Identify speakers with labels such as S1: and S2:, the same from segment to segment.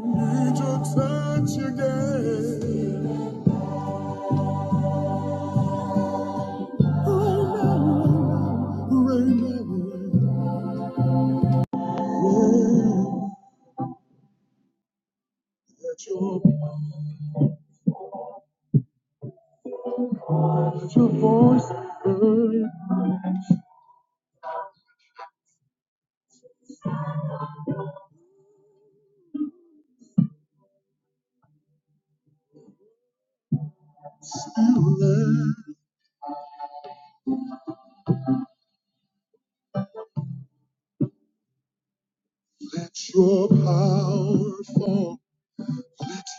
S1: Need your touch again. Oh, rain, oh, let your, let your voice be heard. Let let your power fall.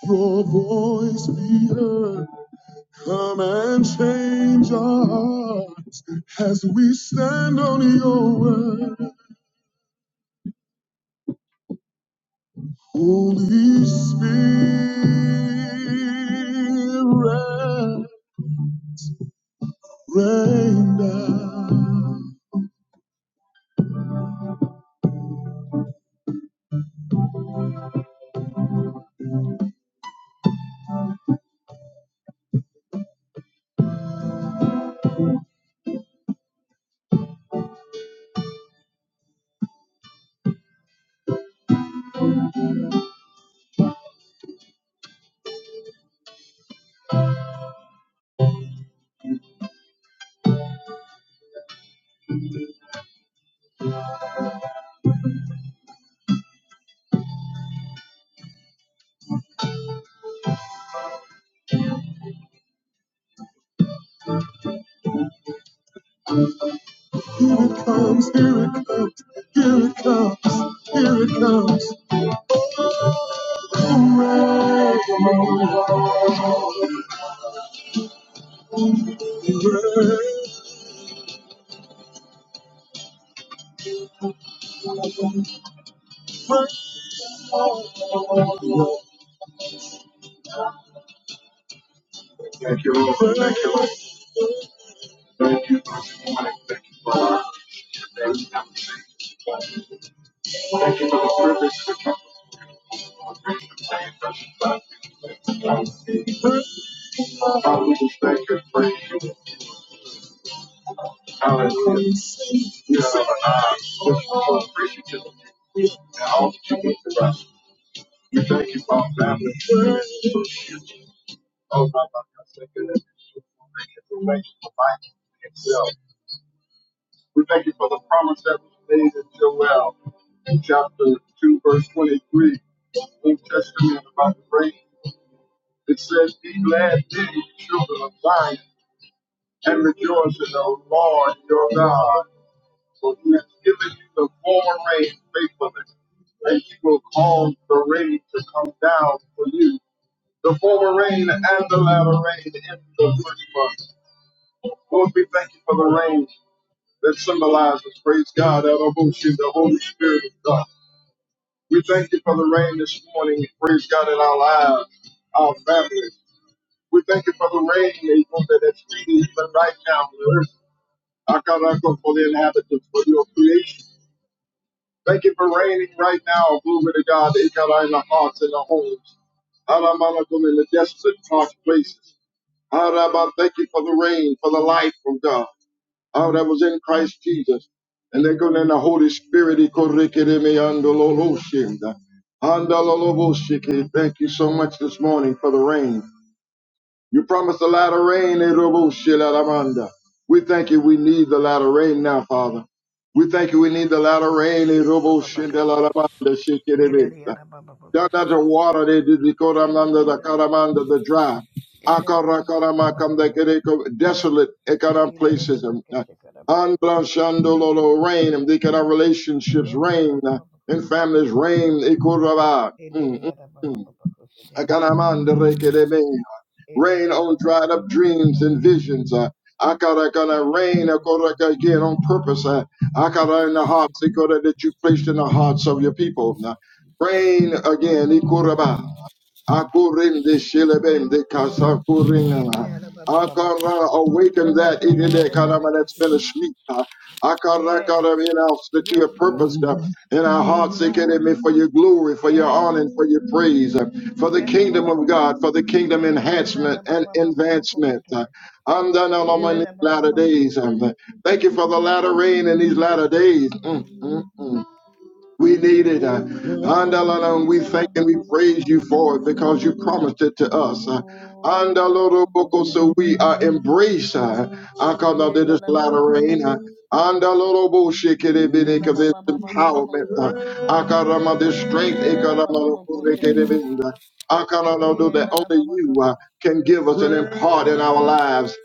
S1: Your voice be heard. Come and change our hearts as we stand on your word. Holy Spirit. Rain down. Here it comes, here it comes, here it comes, here it comes. Rain, rain, Thank you, Lord. Thank you, Lord. Thank you for this morning. Thank you for our today's conversation. Thank you for the privilege of the conversation today. Precious God, Father, we just thank you and praise you. Hallelujah. We are alive. We're so appreciative of you. And all that you do for us. We thank you for our family. Oh, my God, thank you for making for life itself. We thank you for the promise that was made in Joel, in chapter 2, verse 23, Old Testament about the rain. It says, Be glad then, you children of Zion, and rejoice in the Lord your God, for he has given you the former rain faithfully, and he will cause the rain to come down for you the former rain and the latter rain in the first month. Lord, we thank you for the rain that symbolizes, praise God, Elohim, the Holy Spirit of God. We thank you for the rain this morning, praise God, in our lives, our families. We thank you for the rain, Lord, that is feeding even right now on the earth. Akarako for the inhabitants, for your creation. Thank you for raining right now, glory to God, Ikara in the hearts and the homes. Alamanako in the desolate, dark places. Ah, Rabbi, thank you for the rain, for the life from God. Oh, that was in Christ Jesus. And they're going in the Holy Spirit. He corrected me under the Lord Shem. Thank you so much this morning for the rain. You promised a lot of rain. eh, Lord We thank you. We need the lot of rain now, Father. We thank you. We need the lot of rain. eh, Lord
S2: Kalabababakasa.
S1: they're
S2: Ileriyarabababakasa.
S1: not the water, they did the Koramanda, the Karamanda,
S2: Ileriyarababakasa.
S1: the dry. Akarakaramaka, the
S2: Ileribabababakasa.
S1: Kereko, desolate, Ekaram places. um, uh,
S2: Ileribabakasa.
S1: Andra
S2: Kalabababakasa.
S1: Shandololo, rain, and they can have relationships, rain, uh, in
S2: Ileriyarabababakasa.
S1: families, rain, Ikurava,
S2: Ileriyarabababakasa.
S1: mm, mm,
S2: Ileriyarababababakasa.
S1: Akaramanda, Rekerebe, rain on dried
S2: Ileriyarabababakasa.
S1: up
S2: Kalabababakasa.
S1: dreams
S2: Kalabababakasa.
S1: and visions. Uh, Akarakana, rain,
S2: Kalabababakasa.
S1: Akoraka, again, on purpose. Uh, Akara in the hearts, Ikora, that you
S2: Ileriyarabababakasa.
S1: placed in the hearts of your people. Uh, rain again. Ekurava. Akurinde shilebende kasakuringana. Akara awaken that idide karama that's
S2: Ileribabakasa.
S1: been asleep. Akara
S2: Yes,
S1: karama announce that you
S2: yes,
S1: have
S2: Lord,
S1: purposed uh, in our
S2: yes,
S1: hearts
S2: Lord.
S1: me for your glory, for your
S2: Yes,
S1: honor, and for your praise, uh, for the
S2: yes,
S1: kingdom of
S2: Lord.
S1: God, for the kingdom
S2: Ila la
S1: enhancement
S2: ba
S1: and
S2: ba ba ba ba ko
S1: advancement. Uh,
S2: sikede.
S1: Andana lama in
S2: Ila
S1: these
S2: la ba ba
S1: latter
S2: ba ba ko
S1: days. um,
S2: sikede.
S1: Thank you for the latter rain in these latter days. Mm, mm. We need it. uh, Andalala, and we
S2: Ila
S1: thank
S2: ba ba
S1: and we
S2: ba ba ba
S1: praise
S2: ba
S1: you
S2: ba ba ba
S1: for it
S2: ko
S1: because
S2: sikede.
S1: you promised it to us. Uh,
S2: Oh la la ba ba ba ba
S1: Andaloroboko,
S2: ba ba ba
S1: so
S2: ba
S1: we
S2: ba
S1: uh,
S2: ko sikede.
S1: embrace uh, Akana de
S2: Ila
S1: this
S2: la ba ba
S1: latter
S2: ba ba
S1: rain.
S2: ba
S1: Uh,
S2: ko sikede.
S1: Andaloroboshikerebidek
S2: Ila
S1: of
S2: la
S1: this
S2: ba ba ba ba ba ba
S1: empowerment.
S2: ko
S1: Uh,
S2: sikede.
S1: Akarama, this strength.
S2: Ila la ba ba ba ko sikede.
S1: Ekaramalokorekerebinda. Akaranodo, that
S2: Ila la
S1: only
S2: ba ba ko
S1: you uh,
S2: sikede.
S1: can give us and impart in our lives.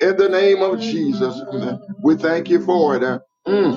S1: In the name of
S2: Ila ba ba
S1: Jesus,
S2: ba ko
S1: uh,
S2: sikede.
S1: we thank you for it. uh, mm.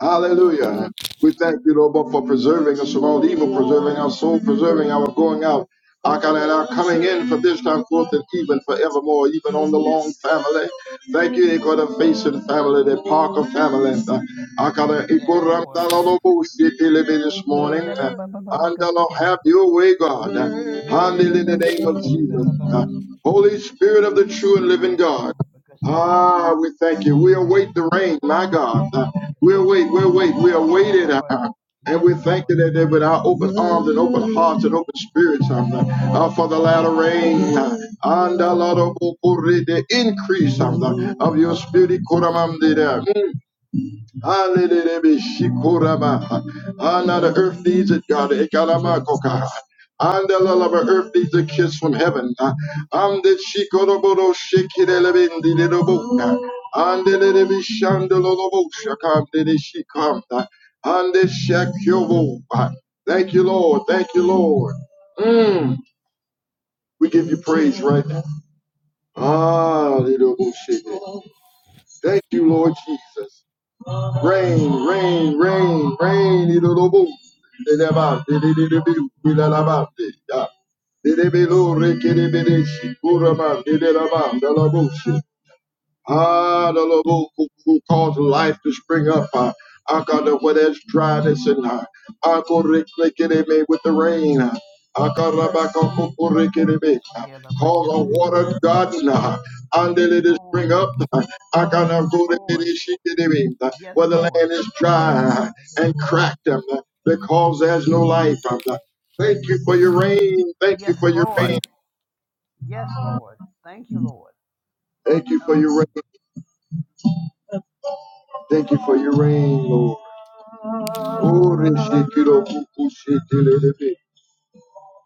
S1: Hallelujah. We thank you, Lord, but for preserving us from all evil, preserving our soul, preserving our going out, our, God, and our coming in for this time forth and even forevermore, even on the long family. Thank you, Ekora Basin family, the Parker family. Uh, our God, uh,
S2: Yes,
S1: Ekora
S2: Lord.
S1: Mdalolobo City living this morning.
S2: Ila la
S1: Uh,
S2: ba ba ba ba
S1: And
S2: ko
S1: the Lord
S2: sikede.
S1: have your way, God. Uh,
S2: Ila la ba
S1: Hallelujah, in
S2: ba
S1: the
S2: ko
S1: name of
S2: sikede ba
S1: Jesus.
S2: ba ba
S1: Uh,
S2: ko sikede.
S1: Holy Spirit of the true and living
S2: Rain
S1: God.
S2: down, because yes.
S1: Ah, we thank you. We
S2: In it,
S1: await the
S2: the
S1: rain, my
S2: Babakasi, the
S1: God.
S2: Babakasi.
S1: We'll wait, we'll wait, we'll
S2: Yes,
S1: wait it
S2: Lord.
S1: out. And
S2: Yes,
S1: we thank
S2: Lord.
S1: you that they with our open arms and open hearts and open spirits um, uh, for the latter rain uh, and the Lord of the increase um, of your spirit. Kuramamdida, Hallelujah. Shikorama. Ah, now the earth needs it, God. Ekaramako, God. And the love of earth needs a kiss from heaven. And the Shikorobodo Shikirelebindidobunda. And the Levi Shandalolobo Shakam Didi Shikam. And the Shakyovo. Thank you, Lord. Thank you, Lord. Mm. We give you praise right now. Ah, little bullshit. Thank you, Lord Jesus. Rain, rain, rain, rain, it'll do boom. Didabate, dididibu, didalabate, ya. Didibilo, rikidibidishi, kuraman, the dalabushi. Ah, the Lord who, who who caused life to spring up. Ah, ah, God, Uh, Akada, where there's dryness and uh, me with the rain. Ah, ah, God, ah, back ah, go- go- re- get it Akarabakokorikirimi, uh,
S2: Yeah, Yes,
S1: Cause a
S2: Lord,
S1: water garden uh,
S2: yes,
S1: until it is
S2: Lord.
S1: spring up. Ah, ah, God, ah,
S2: Yes,
S1: go re- get
S2: Lord.
S1: it. uh, Akanakorikirishikirimi, uh,
S2: Yes,
S1: Where the
S2: Lord.
S1: land is dry uh, and cracked uh, because there's no life. uh, Thank you for your rain. Thank you
S2: Yes,
S1: for your
S2: Lord.
S1: rain.
S2: Yes, Lord. Thank you, Lord.
S1: Thank you for your
S2: Hallelujah.
S1: rain. Thank you for your rain, Lord. Ore shekiro buku shetelelebe.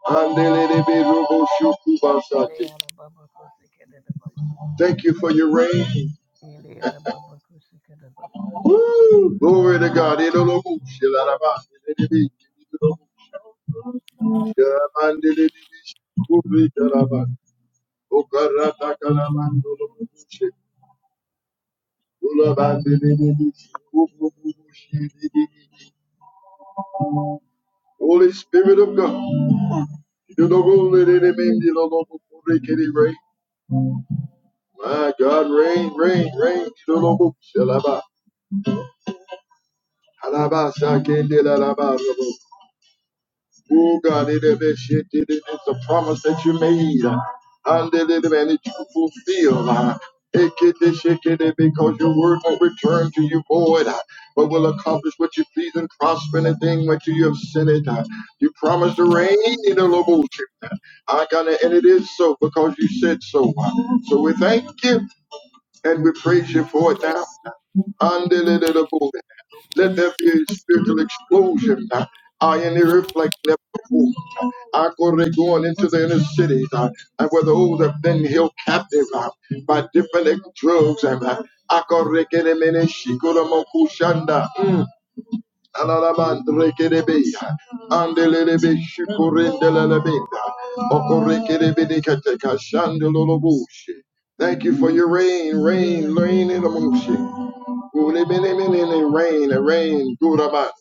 S1: Andelelebe robo shokubasate.
S2: Leah, the Babakasi, the Babakasi.
S1: Thank you for your rain.
S2: Leah, the Babakasi,
S1: Woo! Glory to God. Elolobu shelaraba. Elelebe. Elolobu shelabandelelebe. Shukuri talaba. Okarata kalamandolobu she. Ulabandelelebe. Shukuru shedelelebe. Holy Spirit of God. Elololelebe. Elolobu lelelebe. Elolobu rain. My God, rain, rain, rain. Elolobu shelaba. Alabasa kende la la ba ro Oh God, it is a shit, it is a promise that you made. uh, And it is and it you fulfill. It can it shake it, because your word won't return to you void, uh, but will accomplish what you please and prosper anything which you have sent it. uh. You promised the rain in the Loboshi. I got it, and it is so because you said so. uh. So we thank you and we praise you for it now. Let there be a spiritual explosion. uh, I in the earth like never before. I go they going into the inner cities, uh, and where those have been held captive uh, by different uh, drugs and uh, I go they get them in rekelemene shikolamoku shanda. Mm. Alalamanderekelebe, andelelebe, shikurendelelebe, okorekelebedekateka, shandeloloboshe. Thank you for your rain, rain, rain in the motion. Rain, rain, rain, good about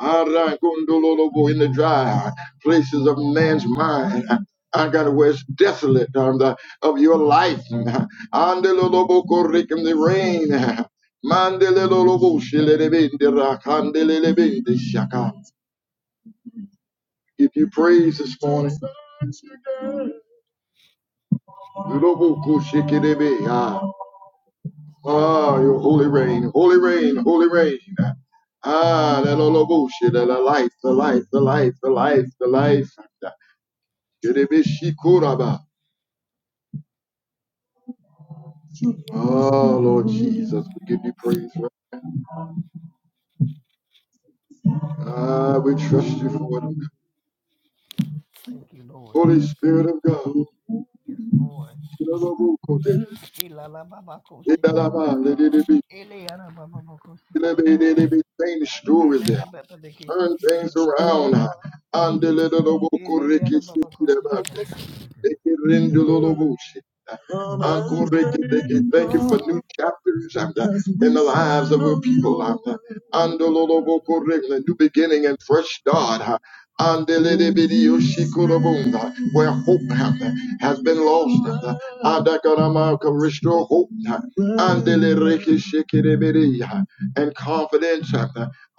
S1: Aragondololobo in the dry places of man's mind. I got where west desolate on the, of your life. Andelolobo korikim the rain. Mandelolobo shilelebende rakandelelebende shaka. If you praise this morning, lobo koshikidebe, ah, ah, your holy rain, holy rain, holy rain. Ah, that lobo shilele, the life, the life, the life, the life, the life. Shilebe shikoraba. Oh, Lord Jesus, we give you praise right now. Ah, we trust you for it.
S2: Thank you, Lord.
S1: Holy Spirit of God.
S2: Yes, Lord. Ila la Babakasi. Eliana
S1: Change stories there.
S2: Elele baba de kesi
S1: Turn
S2: kede
S1: things
S2: baba kasi
S1: around.
S2: kede. Elele yada baba kosi kede baba kasi kede.
S1: Thank you for new
S2: Yada baba baba kasi kede.
S1: chapters um, in the lives of your people. um, Andololobokoreke, New beginning and fresh start. uh, Andelelebediyoshikorobondo, Where hope um, has been lost. um, Adakarama, can Restore hope uh, Andelerekeshikeribidi, uh, and confidence. um,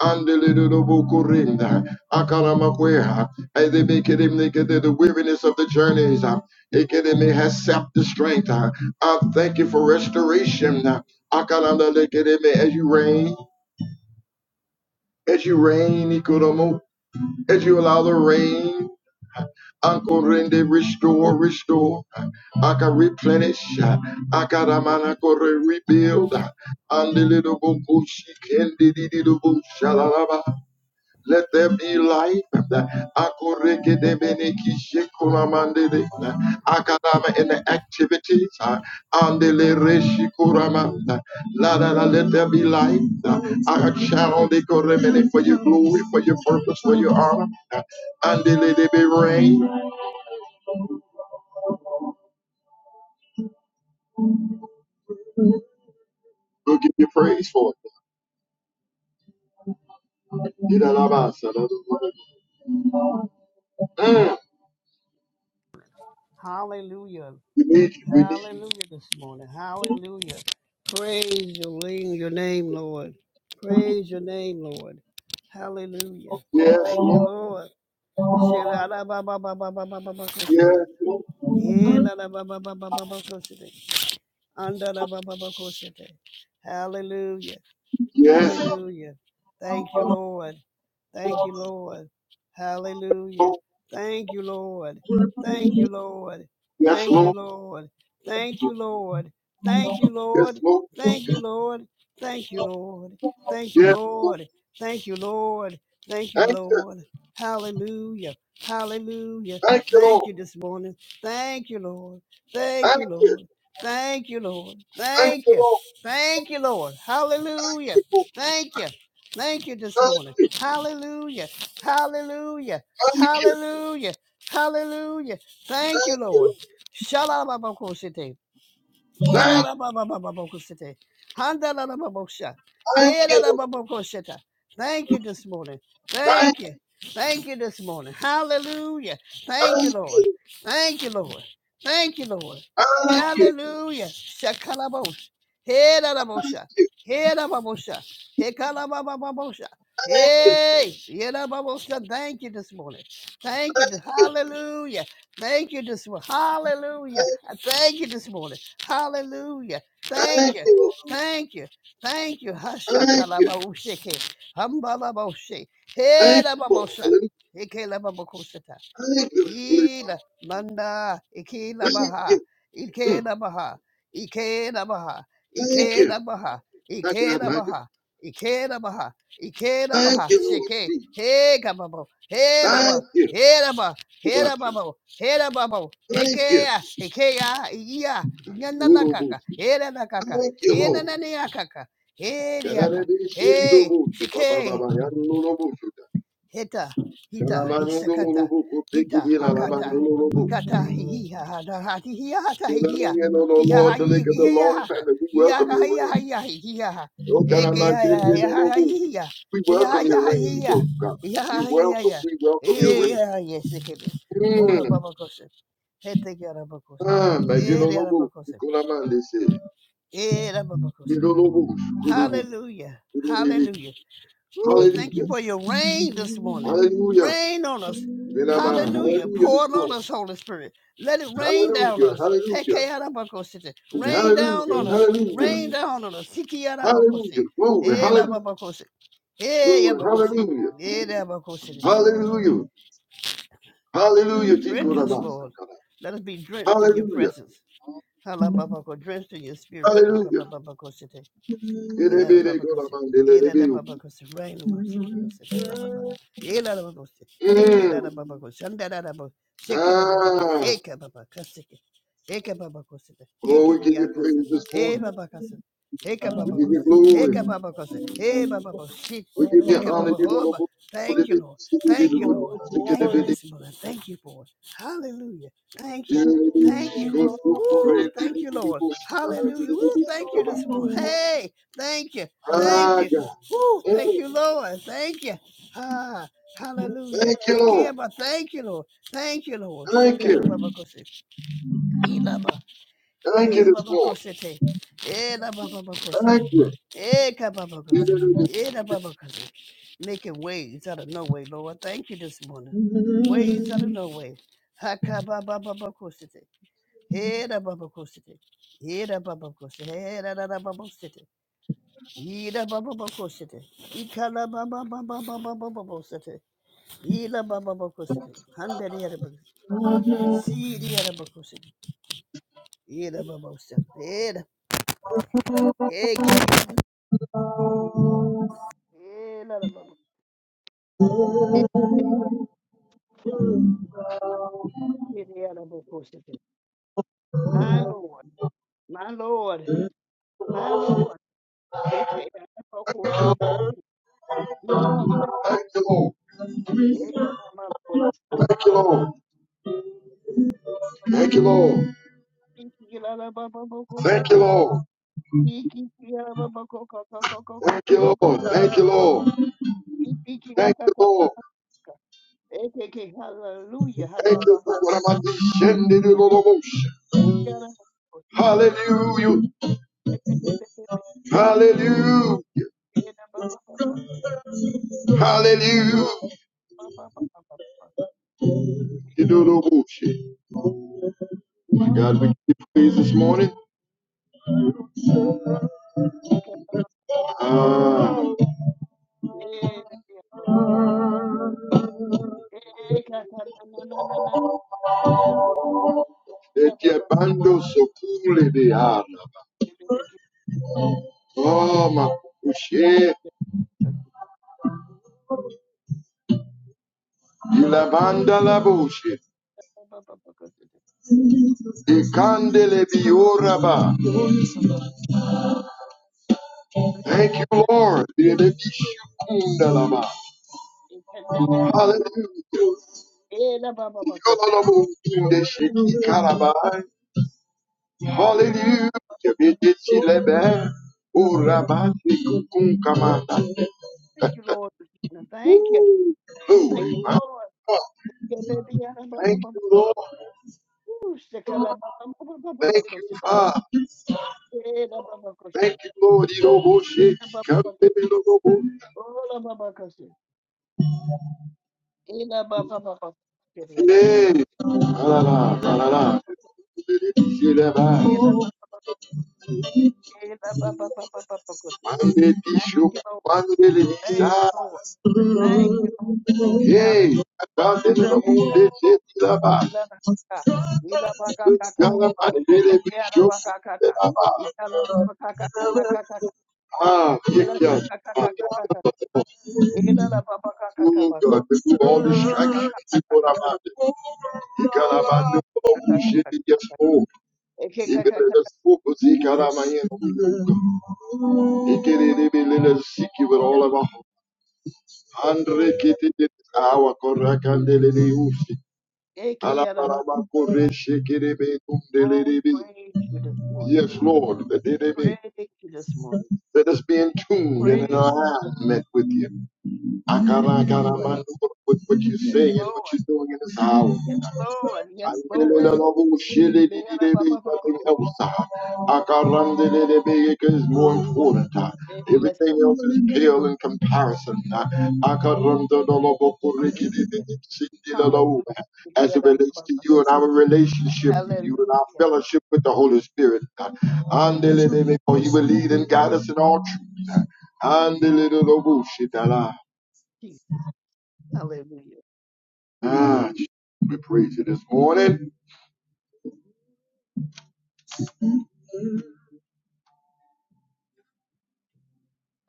S1: Andelelebokorende, Akaramakwea, as they make it, they make it the weariness of the journeys. Uh, it get in, it they has sapped the strength. Uh, I thank you for restoration. Uh, I can on the it me as you rain, as you rain, Ikuromo, as you allow the rain. Uncle Rende, restore, restore. I can replenish. uh, I can a man I could rebuild. uh, And the little book, she can, the little book, shalalaba. Let there be light. Akoreke de beneki shekuramande de. Akadama in the activities. uh, Andele reshikuramanda. La la la. Let there be light. Akachano de koremene for your glory, for your purpose, for your honor. Andele de be rain. We'll give you praise for it. Idalabasa. Mm,
S2: Hallelujah.
S1: We need you. We need you.
S2: Hallelujah this morning. Hallelujah. Praise your name, your name, Lord. Praise your name, Lord. Hallelujah.
S1: Yes,
S2: Thank you,
S1: Lord.
S2: Lord. Shelalabababababababakoshete.
S1: Yes, Lord.
S2: Elalabababababakoshete. Andalabababakosete. Hallelujah.
S1: Yes,
S2: Hallelujah. Thank you, Lord. Thank you, Lord. Hallelujah.
S1: Lord.
S2: Thank you, Lord. Thank you, Lord.
S1: Yes,
S2: Thank you,
S1: Lord.
S2: Lord. Thank you, Lord. Thank you,
S1: Yes,
S2: Lord.
S1: Lord.
S2: Thank you, Lord. Thank you, Lord. Thank you,
S1: Yes, Lord.
S2: Lord. Thank you, Lord. Thank you,
S1: Thank you.
S2: Lord. Hallelujah. Hallelujah.
S1: Thank you, Lord.
S2: Thank you this morning. Thank you, Lord. Thank
S1: Thank
S2: you,
S1: you.
S2: Lord. Thank you, Lord.
S1: Thank
S2: Thank
S1: you,
S2: you.
S1: Lord.
S2: Thank you, Lord. Hallelujah.
S1: Thank you, Lord.
S2: Thank you. Thank you this
S1: Thank
S2: morning.
S1: you.
S2: Hallelujah. Hallelujah.
S1: Thank you.
S2: Hallelujah. Hallelujah. Thank you,
S1: Thank you,
S2: Lord. Shalom.
S1: Lord.
S2: Ila
S1: Thank,
S2: la ba ba ba ba ba kusete. Handa la la ba ba sha.
S1: thank
S2: He la
S1: you,
S2: la
S1: Lord.
S2: ba ba kusheta. Thank you this morning.
S1: Thank,
S2: Thank you. Thank you this morning. Hallelujah. Thank you, Lord. Thank you, Lord. Thank you, Lord.
S1: thank you.
S2: Hallelujah. Shakalabosh. He la la bosha. He la ba bosha. He kala ba ba ba bosha. Hey, yeah, la Thank you this morning. Thank you. Hallelujah. Thank you this morning. Hallelujah. I thank you this morning. Hallelujah. Thank
S1: Thank
S2: you.
S1: you, Lord.
S2: Thank you. Thank you.
S1: Thank you.
S2: Hashakalabaushike. Hambalaboshe.
S1: Thank you, Lord.
S2: Hedababosha. Ikelababokoshata.
S1: Thank you, Lord.
S2: Ila manda ike
S1: Thank you.
S2: labaha ike
S1: Mm.
S2: labaha ike labaha
S1: Thank
S2: ike
S1: you.
S2: labaha
S1: My
S2: ike
S1: God, my God.
S2: labaha ike labaha ike
S1: Thank
S2: labaha
S1: you, Lord
S2: sheke
S1: Jesus.
S2: he kababo he
S1: Thank
S2: laba
S1: you.
S2: he laba he
S1: Obasha.
S2: lababo he lababo
S1: Thank
S2: heke
S1: you.
S2: ya heke ya iya inyanda na kaka
S1: Yorobushi.
S2: he la na kaka he na na ni ya kaka he ya kaka he
S1: Yorobushi.
S2: sheke
S1: Yorobushi.
S2: Heta, hita, hisakata, hita,
S1: Yaramandololobokotekidina.
S2: hakata,
S1: Lamandololobo.
S2: hikata, hihiha, hadahati, hiahata, hihia,
S1: Lord,
S2: hihaha,
S1: the lake of the long time
S2: hihihaha,
S1: that we welcome your
S2: hihaha,
S1: reign.
S2: hihaha, hihihaha,
S1: Oh, God, I'm not getting
S2: ekeyaha,
S1: you no
S2: yaha,
S1: more.
S2: hihia,
S1: We
S2: hihaha,
S1: welcome your
S2: yaha,
S1: reign,
S2: hihia,
S1: oh God. We
S2: hihaha,
S1: welcome,
S2: hihia,
S1: we welcome your reign.
S2: hihiha, yesikebe, ola
S1: Mm.
S2: babakose, hete yarabakose,
S1: Ah,
S2: ere
S1: oh,
S2: yarabakose, ere
S1: you
S2: babakose.
S1: know, no more. Good, oh,
S2: Hallelujah,
S1: good, oh, baby.
S2: hallelujah. Whew, thank you
S1: Hallelujah.
S2: for your rain this morning.
S1: Hallelujah.
S2: Rain on us.
S1: Then I'm a
S2: Hallelujah.
S1: Hallelujah
S2: Pour
S1: this
S2: it on
S1: morning.
S2: us, Holy Spirit. Let it rain down on
S1: Hallelujah.
S2: us.
S1: Hallelujah.
S2: Tekeyarabakosite. Rain down
S1: Hallelujah.
S2: on us.
S1: Hallelujah.
S2: Rain down on us. Sikiyarabakosi.
S1: Hallelujah. Glory. Hallelujah.
S2: Erababakosi.
S1: Glory.
S2: Eyabakosi.
S1: Hallelujah.
S2: Erabakosi.
S1: Hallelujah. Hallelujah.
S2: Drench us,
S1: Jikorabasa.
S2: Lord.
S1: God.
S2: Let us be drenched in your
S1: Hallelujah.
S2: presence. Halababako, drenched in your spirit.
S1: Hallelujah.
S2: Ela da
S1: Elebele,
S2: baba
S1: God, I'm
S2: kasi,
S1: on the
S2: ela da
S1: elebele. Oh,
S2: baba kasi, rain on sick of us, baba baba. Yela da baba kasi, eke la da baba kasi, shanda da da baba, shake da baba kasi, eke baba kasi, eke baba kasi,
S1: Oh,
S2: eke
S1: we give
S2: biya
S1: you
S2: kasi, hey
S1: praise.
S2: baba kasi, eke
S1: We
S2: baba
S1: give you
S2: kasi,
S1: glory.
S2: eke baba kasi, hey baba kasi,
S1: We give you
S2: eke
S1: honor,
S2: baba
S1: you
S2: hoba.
S1: Lord. We give
S2: Thank you,
S1: you
S2: Lord. Thank you, Lord. Thank you this morning. Thank you for it. Hallelujah. Thank you. Thank you. Woo, thank you, Lord. Hallelujah. Woo, thank you this morning. Hey. Thank you. Thank
S1: Ah,
S2: you.
S1: God.
S2: Woo,
S1: Mm,
S2: thank you, Lord. Thank you. Ah, hallelujah.
S1: Thank you, Lord.
S2: Hekeba, thank you, Lord. Thank you, Lord.
S1: Thank you.
S2: Shekada baba kose. Ilaba.
S1: Thank you
S2: Ee,
S1: this
S2: baba
S1: morning.
S2: kose te. Ela baba kose te.
S1: Thank you.
S2: Eka baba
S1: We
S2: kose te. Ela baba kose Making ways out of no way, Lord. Thank you this morning. Ways out of no way. Hakaba baba kose te. Ela baba kose te. Ela baba kose. Ela baba kose Yine baba baba sete. İkala baba baba baba baba baba sete. Yine baba baba sete. Handere yere bak. Siri yere bak sete. Yine baba sete. Yine. Hek. Yine baba. Siri yere bak sete. My Lord. My Lord. My Lord. Shake yere bak sete. Yine. Eka mama lord.
S1: Thank you, Lord. Thank you, Lord.
S2: İki yere baba baba sete. İki yere baba baba baba baba baba Ikikiakakakakaka. Ekeke hallelujah. Hakababa. Ikiara. Ebebebebebe. Ebababaka. Ebababababa.
S1: No
S2: Ebababababa.
S1: bullshit. God, we
S2: Ekabababa.
S1: give you praise this morning. Ah, that your bando so cool de ana. Oh, my bullshit. You la banda la bullshit. Ikandele bioraba. Thank you, Lord. Yedebishukundalaba. Hallelujah. Yololobokundeshikikarabai. Hallelujah. Yedebishilebe. Orabatikukunkamata.
S2: Thank you, Lord. Thank you. Thank you, Lord. Yeah, baby, yeah, ba, ba,
S1: Thank
S2: ba, ba.
S1: you, Lord.
S2: Ooh, shakala, ba, ba, ba, ba, ba, ba,
S1: Thank you,
S2: koshite.
S1: Father.
S2: Eh, la, ba, ba, koshite.
S1: Thank you, Lord.
S2: Eh, la, ba, ba, koshite.
S1: Yiroboshikikandelelobo.
S2: Oh, la, ba, ba, koshite. Eh, la, ba, ba, ba, ba, koshite. Eh, la, ba, ba,
S1: Hey.
S2: koshite.
S1: Alala,
S2: Eh, la, ba,
S1: alala.
S2: ba, koshite.
S1: Yedebishileba.
S2: Eh, la, ba, ba, ba, eh, la, ba, ba, ba, ba, ba, ba, koshite. Thank
S1: Mandedishu-
S2: you, Lord. Thank
S1: Mandelebisa.
S2: you, Lord. Thank you, Lord.
S1: Yay,
S2: Hallelujah.
S1: abandon the
S2: Eh,
S1: moon,
S2: la,
S1: they
S2: ba, ba,
S1: did
S2: eh,
S1: Ilaba.
S2: la, Eh, Eh,
S1: Good God, I
S2: Eh,
S1: did it. We show Aha, you
S2: Ila
S1: can.
S2: kaka
S1: Oh
S2: kaka kaka. kaka. Ila la baba
S1: God,
S2: kaka kaka kaka.
S1: remove all
S2: Ila
S1: distractions.
S2: kaka
S1: You
S2: kaka
S1: can
S2: kaka.
S1: abandon. You can
S2: Ila
S1: abandon.
S2: kaka
S1: Oh, shit,
S2: kaka.
S1: yes, oh.
S2: Eke
S1: You
S2: kaka
S1: better
S2: kaka.
S1: just focus. You can
S2: Eke
S1: abandon. the You can be little sick with all of our Andre
S2: kaka.
S1: Kitty, our Korakandele, Usi.
S2: Eke yada.
S1: Alabaraba Kore, Shikiri,
S2: Oh, we
S1: Tumdele,
S2: praise you this morning.
S1: Yes, Lord, the
S2: We
S1: enemy.
S2: praise you this morning.
S1: That is being
S2: We
S1: tuned, and
S2: praise.
S1: our eyes met with you. I can't,
S2: Yes,
S1: I can't
S2: Lord.
S1: understand what you're
S2: Yes,
S1: saying, what you're
S2: Lord.
S1: doing in this hour.
S2: Yes, Lord. Yes,
S1: Nothing
S2: Lord.
S1: else
S2: Ila yada baba baba kaka.
S1: matters more important than
S2: Eh, Yes,
S1: everything else
S2: Lord.
S1: is pale in comparison.
S2: Hallelujah. Hallelujah. Eke
S1: As it
S2: yada
S1: relates
S2: baba
S1: to you and
S2: kaka.
S1: our relationship with you and our
S2: Hallelujah.
S1: fellowship with the Holy Spirit, and
S2: Hallelujah.
S1: because He will lead and guide us in all truth. And the little Robo Shitala.
S2: Jesus. Hallelujah.
S1: Ah,
S2: Hallelujah.
S1: we praise you this morning.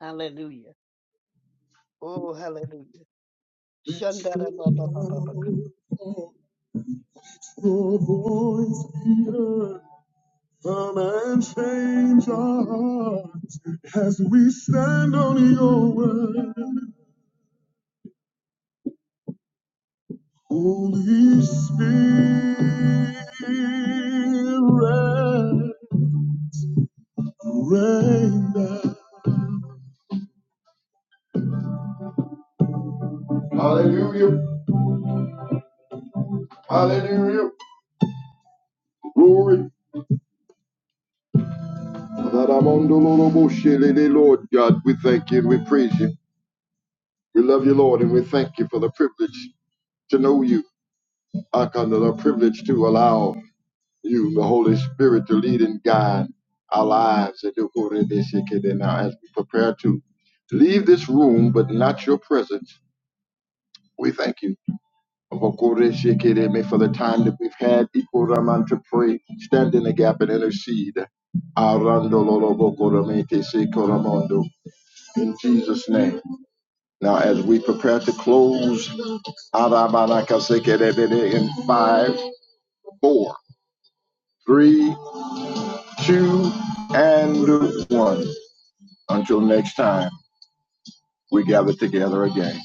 S2: Hallelujah. Oh, hallelujah. Shandara Baba Baba
S1: Your voice be heard. Come and change our hearts as we stand on your word. Holy Spirit, rain down. Hallelujah. Hallelujah. Glory. Adaramondonoroboshelele, Lord God, we thank you and we praise you. We love you, Lord, and we thank you for the privilege to know you. I'm Akanda, the privilege to allow you, the Holy Spirit, to lead and guide our lives. Adokorebeshekede. Now, as we prepare to leave this room, but not your presence, we thank you. For the time that we've had, Ikoraman, to pray, stand in the gap and intercede. In Jesus' name. Now, as we prepare to close, Arabarakasekerebede in five, four, three, two, and one. Until next time, we gather together again.